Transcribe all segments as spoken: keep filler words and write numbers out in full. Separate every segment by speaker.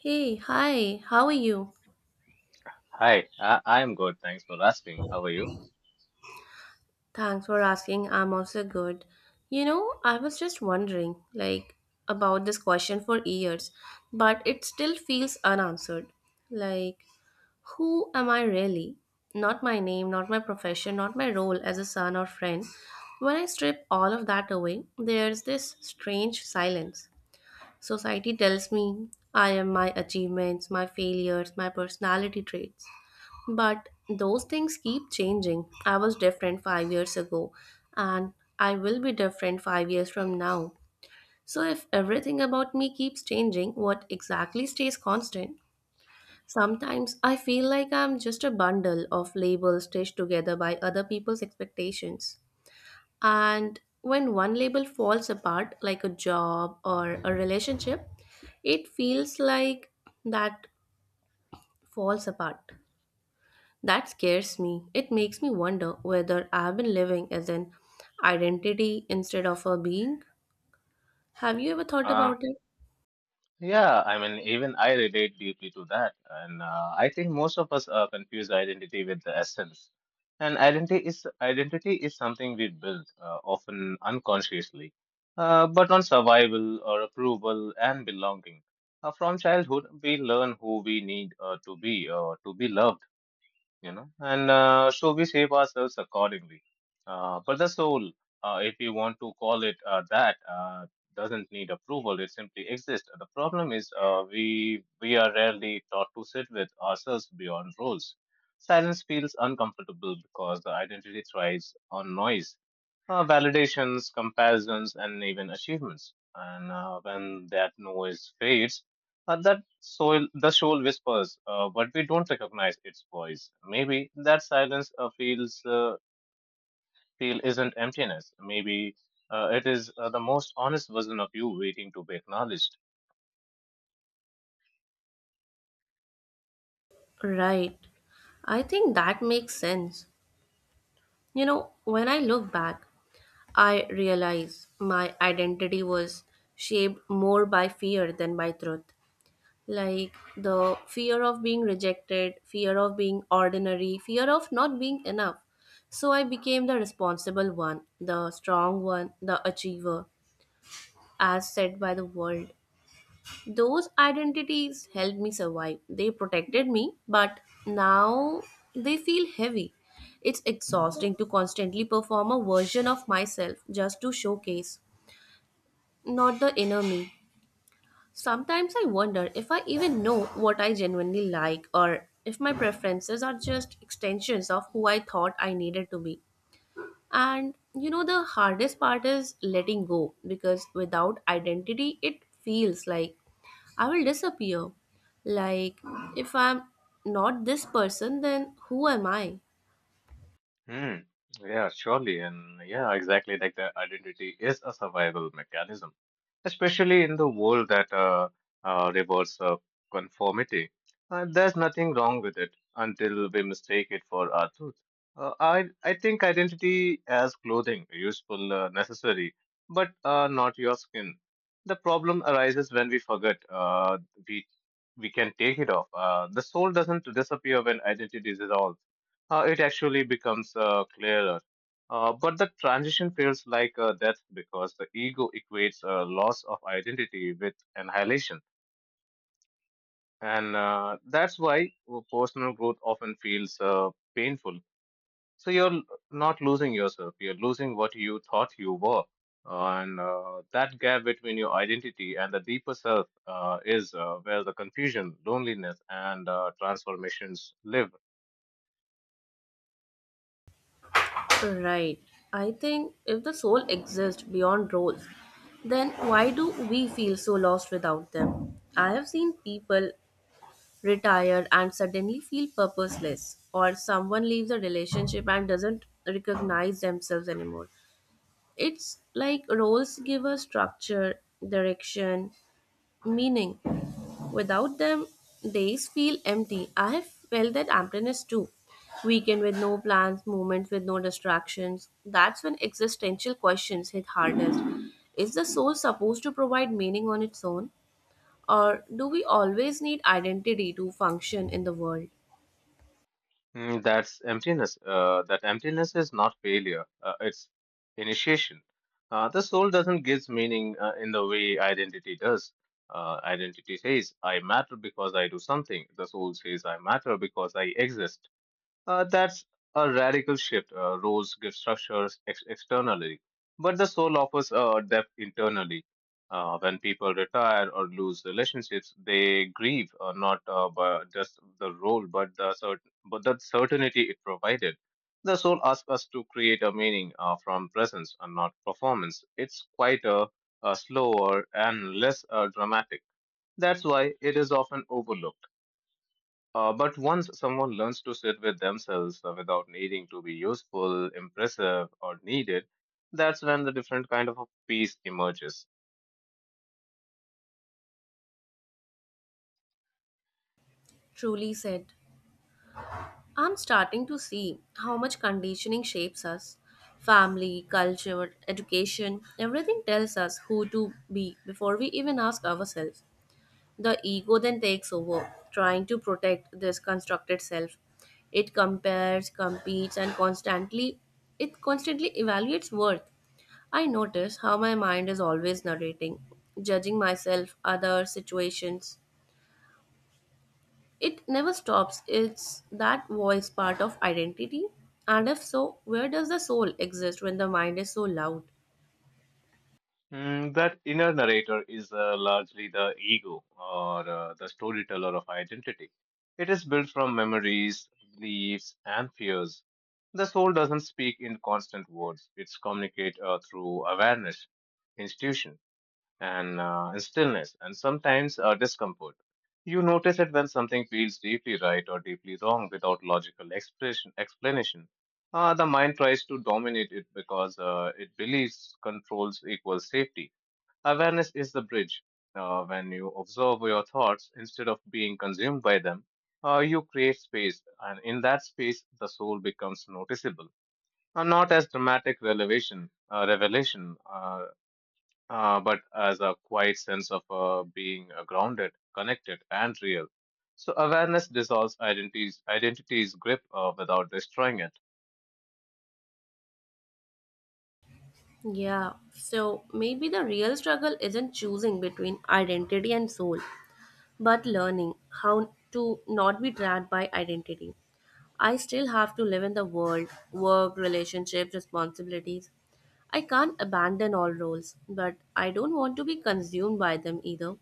Speaker 1: Hey, hi, how are you?
Speaker 2: Hi, I, I'm good. Thanks for asking. How are you?
Speaker 1: Thanks for asking. I'm also good. You know, I was just wondering, like, about this question for years, but it still feels unanswered. Like, who am I really? Not my name, not my profession, not my role as a son or friend. When I strip all of that away, there's this strange silence. Society tells me I am my achievements, my failures, my personality traits. But those things keep changing. I was different five years ago, and I will be different five years from now. So, if everything about me keeps changing, what exactly stays constant? Sometimes I feel like I'm just a bundle of labels stitched together by other people's expectations. And when one label falls apart, like a job or a relationship, it feels like that falls apart. That scares me. It makes me wonder whether I've been living as an identity instead of a being. Have you ever thought
Speaker 2: Uh,
Speaker 1: about it?
Speaker 2: yeah, I mean, even I relate deeply to that. And uh, I think most of us uh, confuse identity with the essence. And identity is identity is something we build, uh, often unconsciously, uh, but on survival or approval and belonging. Uh, from childhood, we learn who we need uh, to be or to be loved you know, and uh, so we shape ourselves accordingly. Uh, but the soul, uh, if you want to call it uh, that, uh, doesn't need approval. It simply exists. The problem is uh, we we are rarely taught to sit with ourselves beyond roles. Silence feels uncomfortable because the identity thrives on noise, uh, validations, comparisons, and even achievements. And uh, when that noise fades, uh, that soul, the soul whispers, uh, but we don't recognize its voice. Maybe that silence uh, feels uh, feel isn't emptiness. Maybe uh, it is uh, the most honest version of you waiting to be acknowledged.
Speaker 1: Right. I think that makes sense. You know, when I look back, I realize my identity was shaped more by fear than by truth. Like the fear of being rejected, fear of being ordinary, fear of not being enough. So I became the responsible one, the strong one, the achiever, as said by the world. Those identities helped me survive. They protected me, but now they feel heavy. It's exhausting to constantly perform a version of myself just to showcase, not the inner me. Sometimes I wonder if I even know what I genuinely like or if my preferences are just extensions of who I thought I needed to be. And you know, the hardest part is letting go because without identity, it feels like I will disappear. Like, if I'm not this person, then who am I?
Speaker 2: Hmm. Yeah, surely. And yeah, exactly. Like the identity is a survival mechanism, especially in the world that uh, uh, rewards uh, conformity. Uh, there's nothing wrong with it until we mistake it for our truth. Uh, I, I think identity as clothing, useful, uh, necessary, but uh, not your skin. The problem arises when we forget uh, we, we can take it off. Uh, the soul doesn't disappear when identity dissolves, uh, it actually becomes uh, clearer. Uh, but the transition feels like uh, death because the ego equates uh, loss of identity with annihilation. And uh, that's why personal growth often feels uh, painful. So you're l- not losing yourself, you're losing what you thought you were. Uh, and uh, that gap between your identity and the deeper self uh, is uh, where the confusion, loneliness, and uh, transformations live.
Speaker 1: Right. I think if the soul exists beyond roles, then why do we feel so lost without them? I have seen people retire and suddenly feel purposeless, or someone leaves a relationship and doesn't recognize themselves anymore. It's like roles give us structure, direction, meaning. Without them, days feel empty. I have felt that emptiness too. Weekend with no plans, moments with no distractions. That's when existential questions hit hardest. Is the soul supposed to provide meaning on its own? Or do we always need identity to function in the world?
Speaker 2: Mm, that's emptiness. Uh, that emptiness is not failure. Uh, it's initiation. Uh, the soul doesn't give meaning uh, in the way identity does. Uh, identity says I matter because I do something. The soul says I matter because I exist. Uh, that's a radical shift. Uh, roles give structures ex- externally, but the soul offers a depth internally. Uh, when people retire or lose relationships, they grieve uh, not uh, by just the role, but the cert- but the certainty it provided. The soul asks us to create a meaning uh, from presence and not performance. It's quite a, uh slower and less uh, dramatic. That's why it is often overlooked. Uh, but once someone learns to sit with themselves uh, without needing to be useful, impressive, or needed, that's when the different kind of a peace emerges.
Speaker 1: Truly said. I'm starting to see how much conditioning shapes us. Family, culture, education, everything tells us who to be before we even ask ourselves. The ego then takes over, trying to protect this constructed self. It compares, competes, and constantly it constantly evaluates worth. I notice how my mind is always narrating, judging myself, other situations. It never stops. It's that voice part of identity. And if so, where does the soul exist when the mind is so loud?
Speaker 2: Mm, that inner narrator is uh, largely the ego or uh, the storyteller of identity. It is built from memories, beliefs, and fears. The soul doesn't speak in constant words, it's communicate uh, through awareness, intuition. and, uh, and stillness and sometimes uh, discomfort. You notice it when something feels deeply right or deeply wrong without logical expression, explanation. Uh, the mind tries to dominate it because uh, it believes controls equals safety. Awareness is the bridge. Uh, when you observe your thoughts instead of being consumed by them, uh, you create space, and in that space, the soul becomes noticeable. Uh, not as dramatic revelation, uh, revelation. uh, uh, but as a quiet sense of uh, being uh, grounded, connected, and real. So awareness dissolves identities, identity's grip uh, without destroying it.
Speaker 1: Yeah, so maybe the real struggle isn't choosing between identity and soul, but learning how to not be trapped by identity. I still have to live in the world, work, relationships, responsibilities. I can't abandon all roles, but I don't want to be consumed by them either.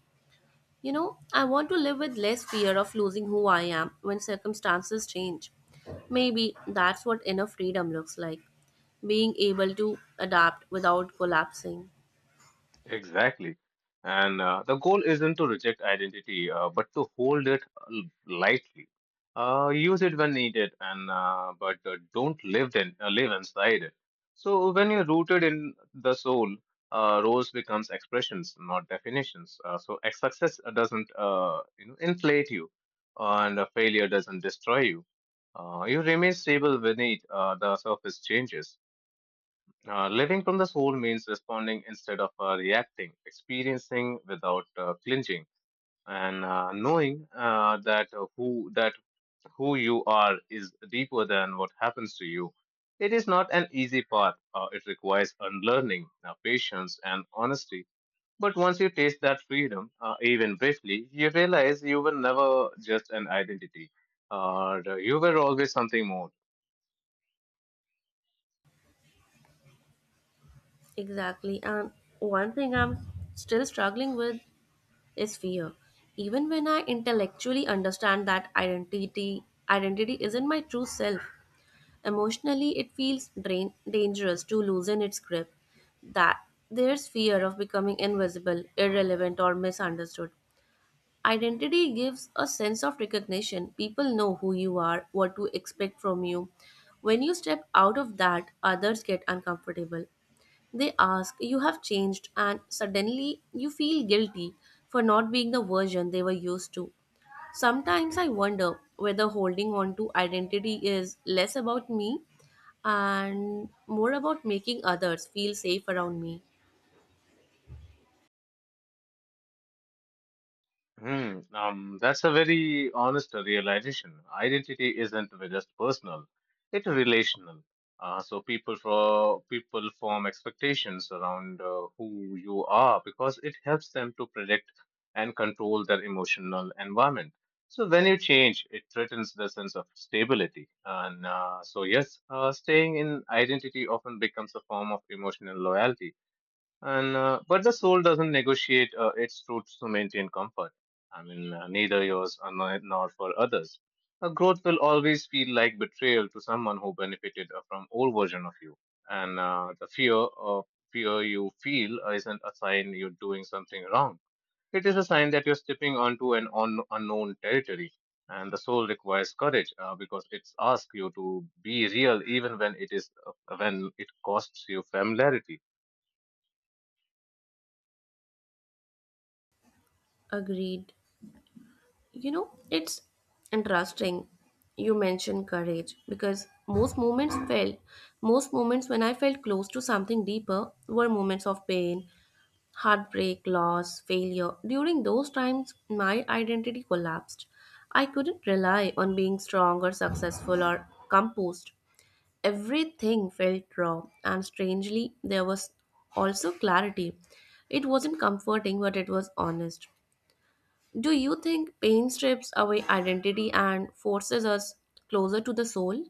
Speaker 1: You know, I want to live with less fear of losing who I am when circumstances change. Maybe that's what inner freedom looks like, being able to adapt without collapsing.
Speaker 2: Exactly. And uh, the goal isn't to reject identity, uh, but to hold it l- lightly. Uh, use it when needed, and uh, but uh, don't live in uh, live inside it. So when you're rooted in the soul, uh, roles becomes expressions, not definitions. Uh, so ex- success doesn't uh, you know inflate you, and uh, failure doesn't destroy you. Uh, you remain stable beneath uh, the surface changes. Uh, living from the soul means responding instead of uh, reacting, experiencing without uh, clinging, and uh, knowing uh, that uh, who that who you are is deeper than what happens to you. It is not an easy path. Uh, it requires unlearning, uh, patience, and honesty. But once you taste that freedom, uh, even briefly, you realize you were never just an identity. Uh, you were always something more.
Speaker 1: Exactly. And one thing I'm still struggling with is fear. Even when I intellectually understand that identity identity isn't my true self, emotionally, it feels drain- dangerous to loosen its grip. That there's fear of becoming invisible, irrelevant, or misunderstood. Identity gives a sense of recognition. People know who you are, what to expect from you. When you step out of that, others get uncomfortable. They ask, you have changed, and suddenly you feel guilty for not being the version they were used to. Sometimes I wonder whether holding on to identity is less about me and more about making others feel safe around me.
Speaker 2: Hmm, um, that's a very honest realization. Identity isn't just personal; it's relational. Uh, so people For people form expectations around uh, who you are because it helps them to predict and control their emotional environment. So when you change, it threatens the sense of stability. And uh, so yes, uh, staying in identity often becomes a form of emotional loyalty. And uh, but the soul doesn't negotiate uh, its truths to maintain comfort. I mean, uh, neither yours or nor nor for others. A growth will always feel like betrayal to someone who benefited uh, from old version of you. And uh, the fear of fear you feel isn't a sign you're doing something wrong. It is a sign that you're stepping onto an un- unknown territory. And the soul requires courage uh, because it's asks you to be real even when it is uh, when it costs you familiarity.
Speaker 1: Agreed. You know, it's interesting you mentioned courage because most moments felt most moments when I felt close to something deeper were moments of pain, heartbreak, loss, failure. During those times my identity collapsed. I couldn't rely on being strong or successful or composed. Everything felt raw, and strangely, there was also clarity. It wasn't comforting, but it was honest. Do you think pain strips away identity and forces us closer to the soul?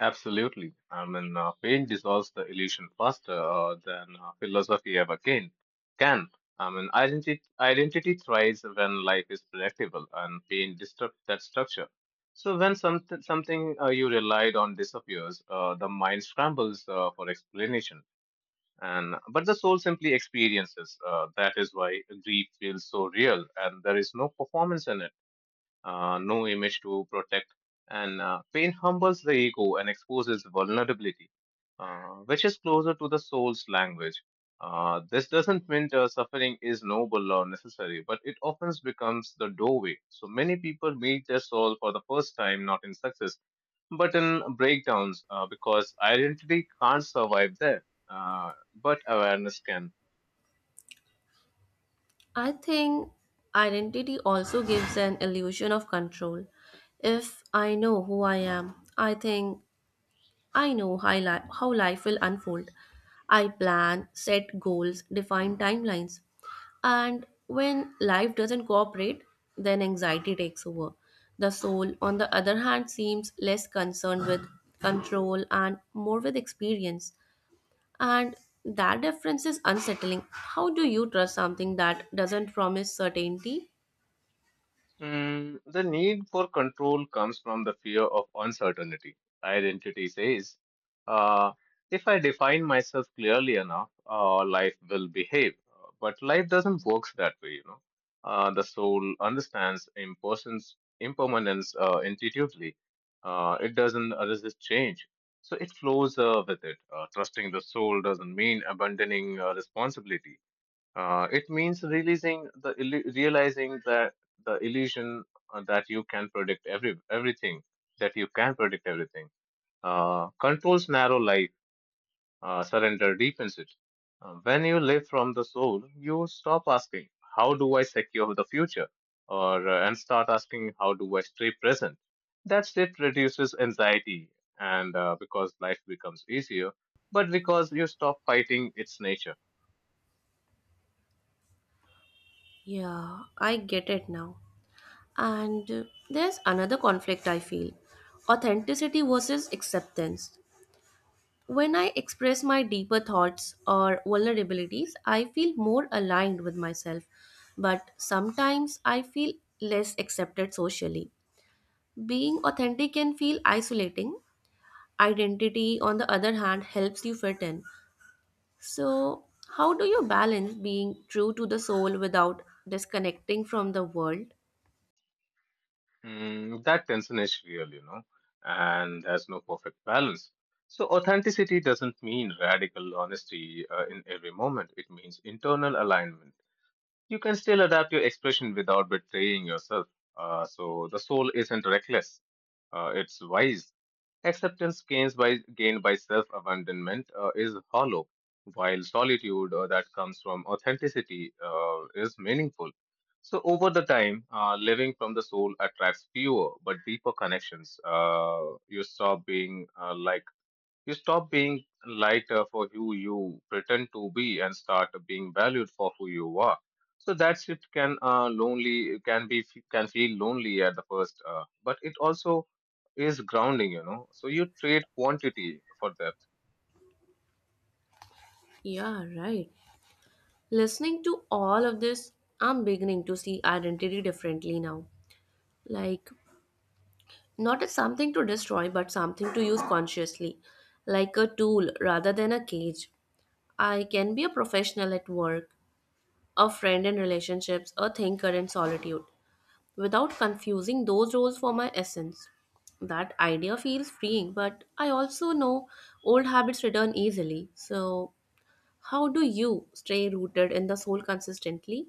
Speaker 2: Absolutely. I mean, uh, paint dissolves the illusion faster uh, than uh, philosophy ever can. Can. I mean, identity, identity thrives when life is predictable, and paint disrupts that structure. So when something something uh, you relied on disappears, uh, the mind scrambles uh, for explanation, and but the soul simply experiences. Uh, that is why grief feels so real, and there is no performance in it, uh, no image to protect. And uh, pain humbles the ego and exposes vulnerability, uh, which is closer to the soul's language. Uh, this doesn't mean uh, suffering is noble or necessary, but it often becomes the doorway. So many people meet their soul for the first time, not in success, but in breakdowns, uh, because identity can't survive there, uh, but awareness can.
Speaker 1: I think identity also gives an illusion of control. If I know who I am, I think I know how, li- how life will unfold. I plan, set goals, define timelines. And when life doesn't cooperate, then anxiety takes over. The soul, on the other hand, seems less concerned with control and more with experience. And that difference is unsettling. How do you trust something that doesn't promise certainty?
Speaker 2: Mm, the need for control comes from the fear of uncertainty. Identity says, uh, if I define myself clearly enough, uh, life will behave. But life doesn't work that way, you know. Uh, the soul understands impersons, impermanence uh, intuitively. Uh, it doesn't resist change. So it flows uh, with it. Uh, trusting the soul doesn't mean abandoning uh, responsibility, uh, it means releasing the illu- realizing that the illusion uh, that you can predict every everything that you can predict everything uh, controls narrow life. Uh, surrender deepens it. Uh, when you live from the soul, you stop asking how do I secure the future, or uh, and start asking how do I stay present. That state reduces anxiety, and uh, because life becomes easier, but because you stop fighting its nature.
Speaker 1: Yeah, I get it now. And uh, there's another conflict I feel, authenticity versus acceptance. When I express my deeper thoughts or vulnerabilities, I feel more aligned with myself, but sometimes I feel less accepted socially. Being authentic can feel isolating. Identity, on the other hand, helps you fit in. So, how do you balance being true to the soul without disconnecting from the world?
Speaker 2: Mm, that tension is real, you know, and there's no perfect balance. So, authenticity doesn't mean radical honesty uh, in every moment. It means internal alignment. You can still adapt your expression without betraying yourself. Uh, so the soul isn't reckless, uh, it's wise. Acceptance gains by, gained by self abandonment uh, is hollow, while solitude uh, that comes from authenticity uh, is meaningful. So, over the time, uh, living from the soul attracts fewer but deeper connections. Uh, you stop being uh, like you stop being lighter for who you pretend to be and start being valued for who you are. So that shift can uh, lonely can be can feel lonely at the first, uh, but it also is grounding. You know, so you trade quantity for depth.
Speaker 1: Yeah, right. Listening to all of this, I'm beginning to see identity differently now. Like, not as something to destroy, but something to use consciously, like a tool rather than a cage. I can be a professional at work, a friend in relationships, a thinker in solitude, without confusing those roles for my essence. That idea feels freeing, but I also know old habits return easily. So, how do you stay rooted in the soul consistently?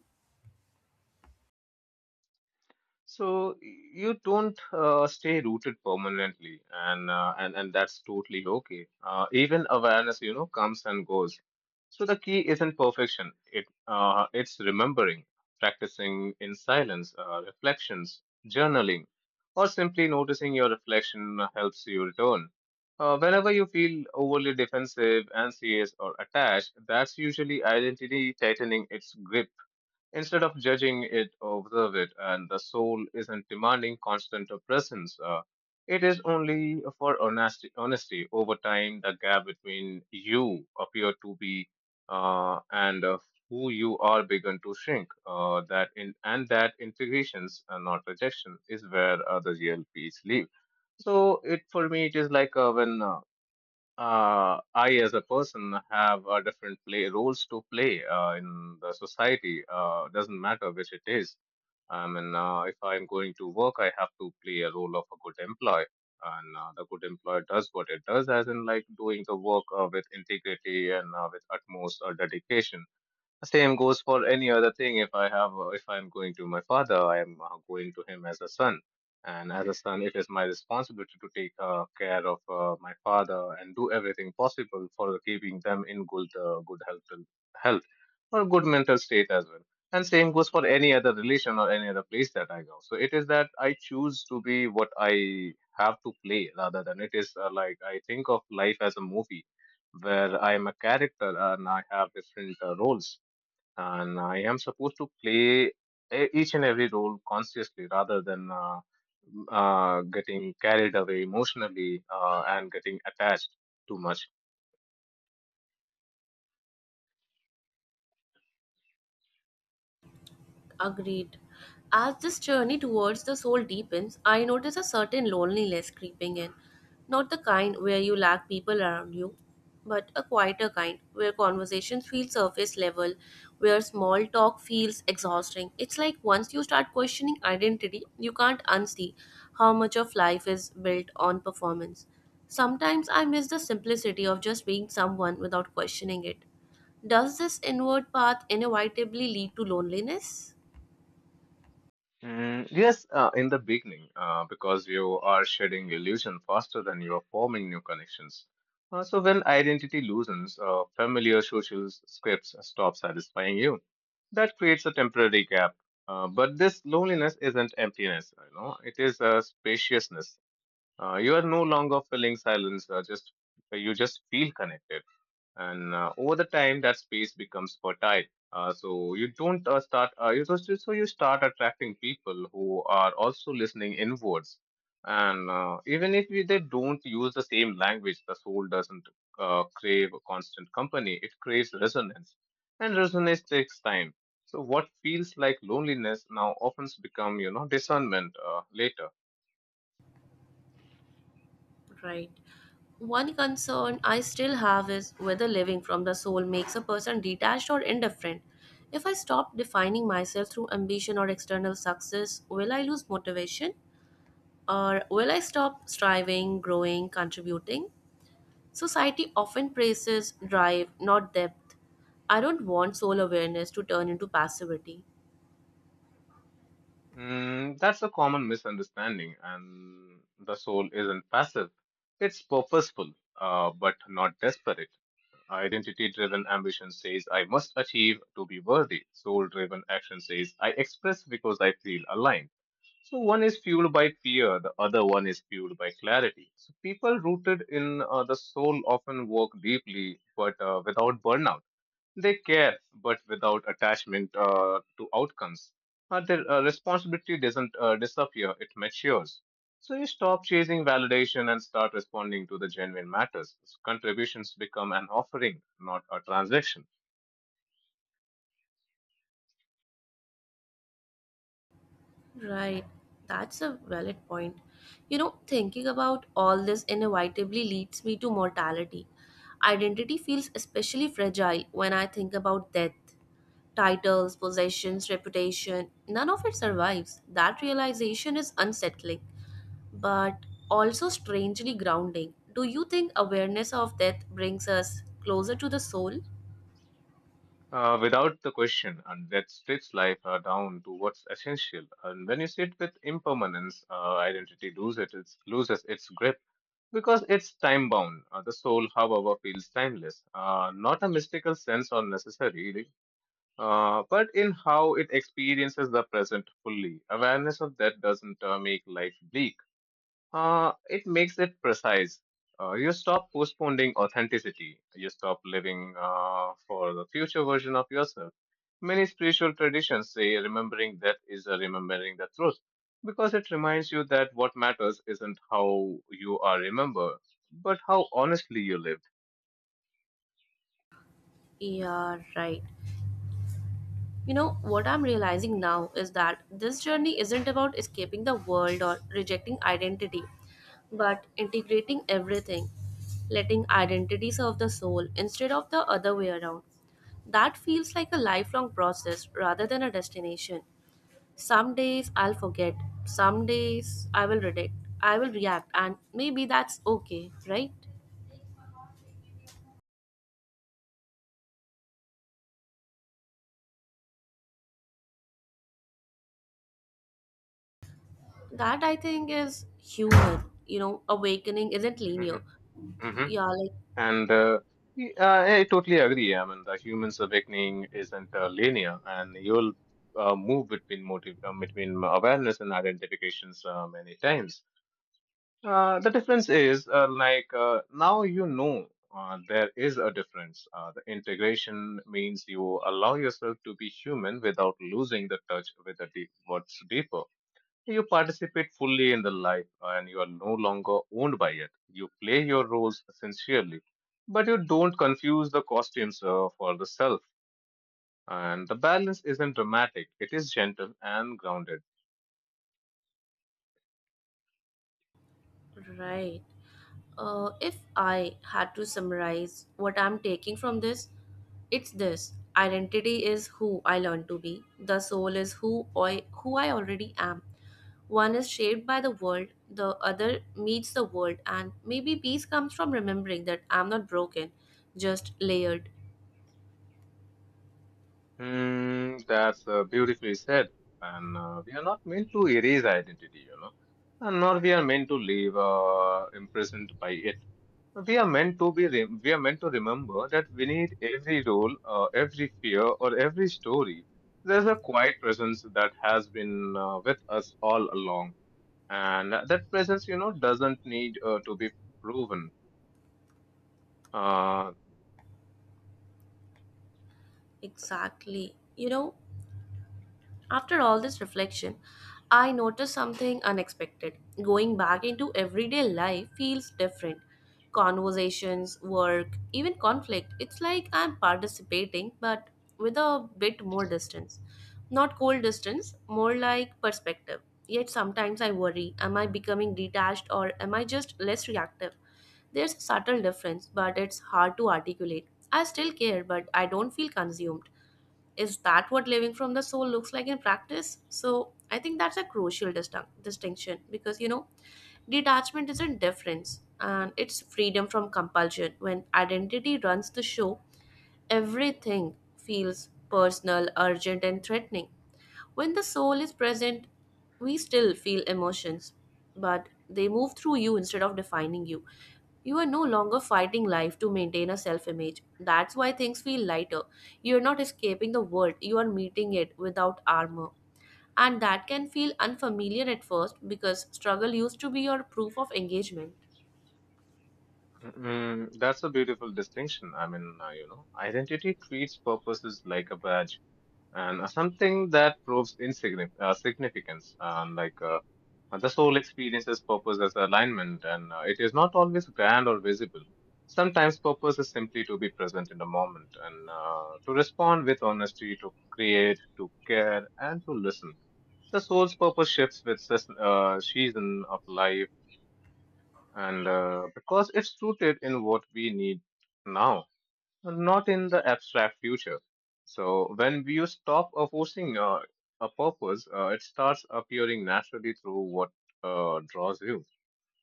Speaker 2: So you don't uh, stay rooted permanently, and uh, and and that's totally okay. Uh, even awareness, you know, comes and goes. So the key isn't perfection. It uh, it's remembering, practicing in silence, uh, reflections, journaling, or simply noticing your reflection helps you return. Uh, whenever you feel overly defensive, anxious, or attached, that's usually identity tightening its grip. Instead of judging it, observe it, and the soul isn't demanding constant presence. Uh, it is only for honesty, honesty. Over time, the gap between you appear to be uh, and uh, who you are begun to shrink. Uh, that in, and that integrations, and not rejection, is where uh, the real peace live. So it for me, it is like uh, when uh, uh, I, as a person, have uh, different play roles to play uh, in the society. Uh, doesn't matter which it is. I mean, uh, if I'm going to work, I have to play a role of a good employee, and uh, the good employer does what it does, as in like doing the work uh, with integrity and uh, with utmost uh, dedication. Same goes for any other thing. If I have, uh, if I'm going to my father, I am uh, going to him as a son. And as a son, it is my responsibility to take uh, care of uh, my father and do everything possible for keeping them in good, uh, good health, health or good mental state as well. And same goes for any other relation or any other place that I go. So it is that I choose to be what I have to play rather than it is uh, like I think of life as a movie where I am a character and I have different uh, roles and I am supposed to play e- each and every role consciously rather than uh, m- uh, getting carried away emotionally uh, and getting attached too much.
Speaker 1: Agreed. As this journey towards the soul deepens, I notice a certain loneliness creeping in. Not the kind where you lack people around you, but a quieter kind where conversations feel surface level, where small talk feels exhausting. It's like once you start questioning identity, you can't unsee how much of life is built on performance. Sometimes I miss the simplicity of just being someone without questioning it. Does this inward path inevitably lead to loneliness?
Speaker 2: Mm, yes, uh, in the beginning, uh, because you are shedding illusion faster than you are forming new connections. Uh, so when identity loosens, uh, familiar social scripts stop satisfying you. That creates a temporary gap. Uh, but this loneliness isn't emptiness, you know, it is a spaciousness. Uh, you are no longer feeling silence, uh, just uh, you just feel connected. And uh, over the time, that space becomes fertile. Uh, so you don't uh, start, uh, you just, so so you start attracting people who are also listening inwards. And uh, even if we, they don't use the same language, the soul doesn't uh, crave a constant company, it craves resonance. And resonance takes time. So what feels like loneliness now often become, you know, discernment uh, later.
Speaker 1: Right. One concern I still have is whether living from the soul makes a person detached or indifferent. If I stop defining myself through ambition or external success, will I lose motivation? Or will I stop striving, growing, contributing? Society often praises drive, not depth. I don't want soul awareness to turn into passivity.
Speaker 2: Mm, that's a common misunderstanding, and the soul isn't passive. It's purposeful, uh, but not desperate. Identity driven ambition says, I must achieve to be worthy. Soul driven action says, I express because I feel aligned. So one is fueled by fear, the other one is fueled by clarity. So people rooted in uh, the soul often work deeply, but uh, without burnout. They care, but without attachment uh, to outcomes. Uh, their uh, responsibility doesn't uh, disappear, it matures. So you stop chasing validation and start responding to the genuine matters. Contributions become an offering, not a transaction.
Speaker 1: Right. That's a valid point. You know, thinking about all this inevitably leads me to mortality. Identity feels especially fragile when I think about death. Titles, possessions, reputation, none of it survives. That realization is unsettling, but also strangely grounding. Do you think awareness of death brings us closer to the soul?
Speaker 2: Uh, without the question, and that strips life uh, down to what's essential. And when you sit with impermanence, uh, identity loses its, loses its grip because it's time bound. Uh, the soul, however, feels timeless, uh, not a mystical sense or necessary. uh, but in how it experiences the present fully. Awareness of that doesn't uh, make life bleak. Uh, it makes it precise. Uh, you stop postponing authenticity. You stop living uh, for the future version of yourself. Many spiritual traditions say remembering that is a remembering the truth because it reminds you that what matters isn't how you are remembered, but how honestly you
Speaker 1: Yeah, right. You know, what I'm realizing now is that this journey isn't about escaping the world or rejecting identity, but integrating everything, letting identity serve the soul instead of the other way around. That feels like a lifelong process rather than a destination. Some days I'll forget, some days I will reject, I will react, and maybe that's okay, right? That I think is human. You know, awakening isn't linear.
Speaker 2: lived.
Speaker 1: Yeah, like,
Speaker 2: And uh, y- I I totally agree. I mean, the human's awakening isn't uh, linear, and you'll uh, move between motive, uh, between awareness and identifications uh, many times. Uh, the difference is uh, like uh, now you know uh, there is a difference. Uh, the integration means you allow yourself to be human without losing the touch with the deep, what's deeper. You participate fully in the life and you are no longer owned by it. You play your roles sincerely, but you don't confuse the costumes uh, for the self. And the balance isn't dramatic, it is gentle and grounded.
Speaker 1: right. Uh, if I had to summarize what I'm taking from this, it's this: identity is who I learn to be, the soul is who I, who I already am. One is shaped by the world, the other meets the world, and maybe peace comes from remembering that I'm not broken, just layered.
Speaker 2: Hmm, that's uh, beautifully said. And uh, we are not meant to erase identity, you know, and nor we are meant to live uh, imprisoned by it. We are meant to be, re- we are meant to remember that we need every role, uh, every fear, or every story. There's a quiet presence that has been uh, with us all along, and that presence, you know, doesn't need uh, to be proven. Uh,
Speaker 1: Exactly. You know, after all this reflection, I noticed something unexpected. Going back into everyday life feels different. Conversations, work, even conflict, it's like I'm participating but with a bit more distance. Not cold distance, more like perspective. Yet sometimes I worry, am I becoming detached or am I just less reactive? There's a subtle difference, but it's hard to articulate. I still care, but I don't feel consumed. Is that what living from the soul looks like in practice? So I think that's a crucial distin- distinction, because you know, detachment isn't difference and it's freedom from compulsion. When identity runs the show, everything feels personal, urgent, and threatening. When the soul is present, we still feel emotions, but they move through you instead of defining you. You are no longer fighting life to maintain a self image. That's why things feel lighter. You are not escaping the world, you are meeting it without armor. And that can feel unfamiliar at first because struggle used to be your proof of engagement.
Speaker 2: mm, that's a beautiful distinction. I mean, uh, you know, identity treats purposes like a badge. and uh, something that proves insignificance, uh, significance, and like uh, the soul experiences purpose as alignment, and uh, it is not always grand or visible. Sometimes purpose is simply to be present in the moment and uh, to respond with honesty, to create, to care, and to listen. The soul's purpose shifts with seas- uh, season of life, and uh, because it's rooted in what we need now, not in the abstract future. So when you stop uh, forcing uh, a purpose, uh, it starts appearing naturally through what uh, draws you,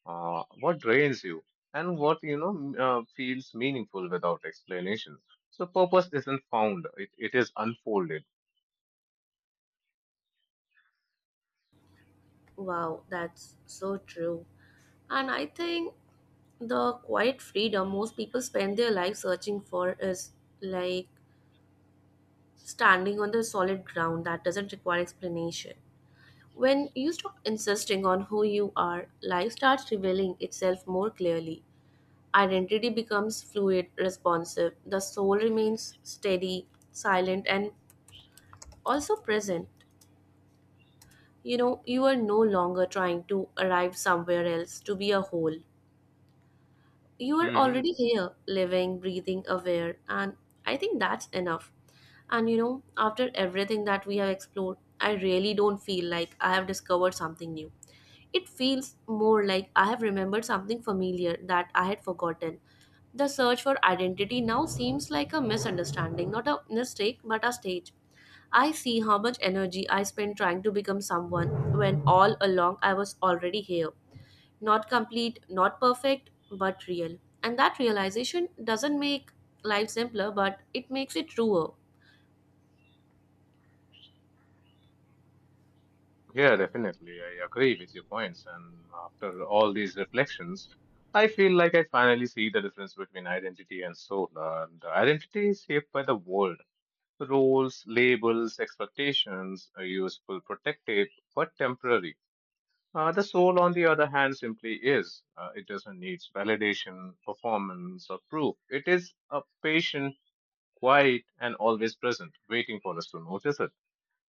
Speaker 2: uh, what drains you, and what you know m- uh, feels meaningful without explanation. So purpose isn't found; it, it is unfolded.
Speaker 1: Wow, that's so true. And I think the quiet freedom most people spend their life searching for is like standing on the solid ground that doesn't require explanation. When you stop insisting on who you are, life starts revealing itself more clearly. Identity becomes fluid, responsive. The soul remains steady, silent, and also present. You know, you are no longer trying to arrive somewhere else to be a whole. You are
Speaker 2: Hmm.
Speaker 1: already here, living, breathing, aware, and I think that's enough. And you know, after everything that we have explored, I really don't feel like I have discovered something new. It feels more like I have remembered something familiar that I had forgotten. The search for identity now seems like a misunderstanding, not a mistake, but a stage. I see how much energy I spent trying to become someone when all along I was already here, not complete, not perfect, but real. And that realization doesn't make life simpler, but it makes it truer.
Speaker 2: Yeah, definitely, I agree with your points. And after all these reflections, I feel like I finally see the difference between identity and soul. And identity is shaped by the world. Roles, labels, expectations are useful, protective, but temporary. Uh, the soul, on the other hand, simply is. Uh, it doesn't need validation, performance, or proof. It is a patient, quiet, and always present, waiting for us to notice it.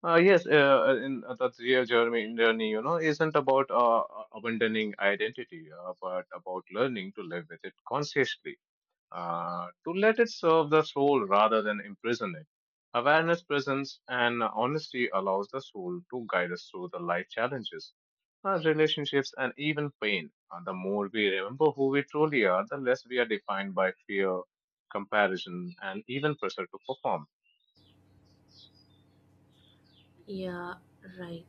Speaker 2: Uh, yes, uh, in uh, that real journey, journey, you know, isn't about uh, abandoning identity, uh, but about learning to live with it consciously, uh, to let it serve the soul rather than imprison it. Awareness, presence, and honesty allows the soul to guide us through the life challenges, our relationships, and even pain. Uh, the more we remember who we truly are, the less we are defined by fear, comparison, and even pressure to perform.
Speaker 1: Yeah, right.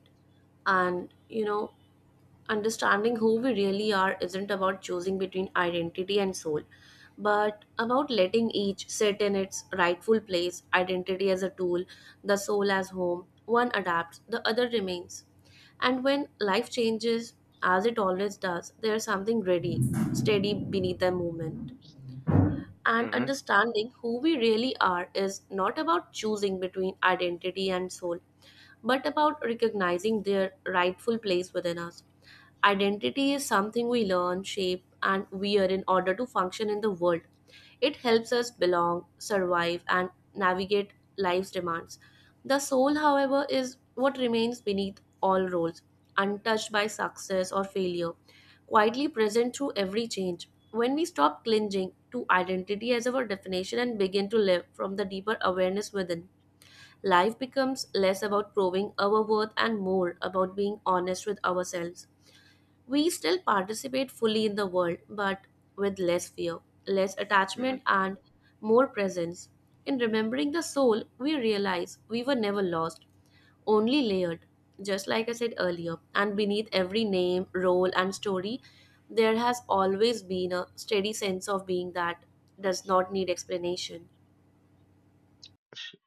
Speaker 1: And you know, understanding who we really are isn't about choosing between identity and soul, but about letting each sit in its rightful place, identity as a tool, the soul as home. One adapts, the other remains. And when life changes, as it always does, there's something ready, steady beneath the movement. And
Speaker 2: Hmm.
Speaker 1: understanding who we really are is not about choosing between identity and soul, but about recognizing their rightful place within us. Identity is something we learn, shape, and wear in order to function in the world. It helps us belong, survive, and navigate life's demands. The soul, however, is what remains beneath all roles, untouched by success or failure, quietly present through every change. When we stop clinging to identity as our definition and begin to live from the deeper awareness within, life becomes less about proving our worth and more about being honest with ourselves. We still participate fully in the world, but with less fear, less attachment,
Speaker 2: Hmm.
Speaker 1: and more presence. In remembering the soul, we realize we were never lost, only layered. Just like I said earlier, and beneath every name, role, and story, there has always been a steady sense of being that does not need explanation.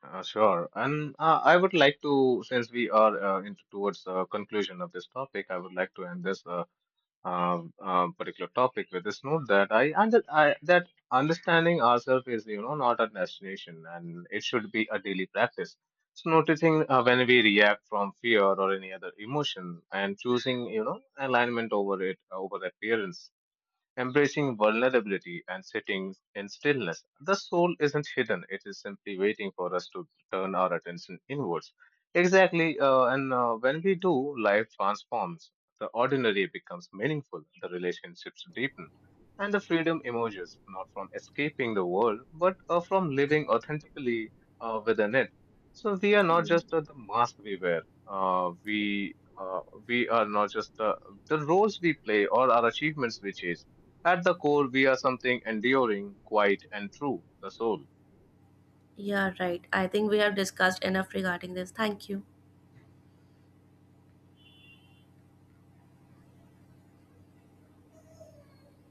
Speaker 2: uh, Sure. And uh, I would like to, since we are uh, into towards the conclusion of this topic, I would like to end this uh, um, um, particular topic with this note that I, under, I that understanding ourselves is, you know, not a destination, and it should be a daily practice. So noticing uh, when we react from fear or any other emotion and choosing, you know, alignment over it over appearance, embracing vulnerability and sitting in stillness. The soul isn't hidden, it is simply waiting for us to turn our attention inwards. Exactly, uh, and uh, when we do, life transforms. The ordinary becomes meaningful, the relationships deepen, and the freedom emerges not from escaping the world, but uh, from living authentically uh, within it. So we are not just uh, the mask we wear. Uh, we uh, we are not just the, the roles we play or our achievements we chase. At the core, we are something enduring, quiet, and true, the soul.
Speaker 1: Yeah, right. I think we have discussed enough regarding this. Thank you.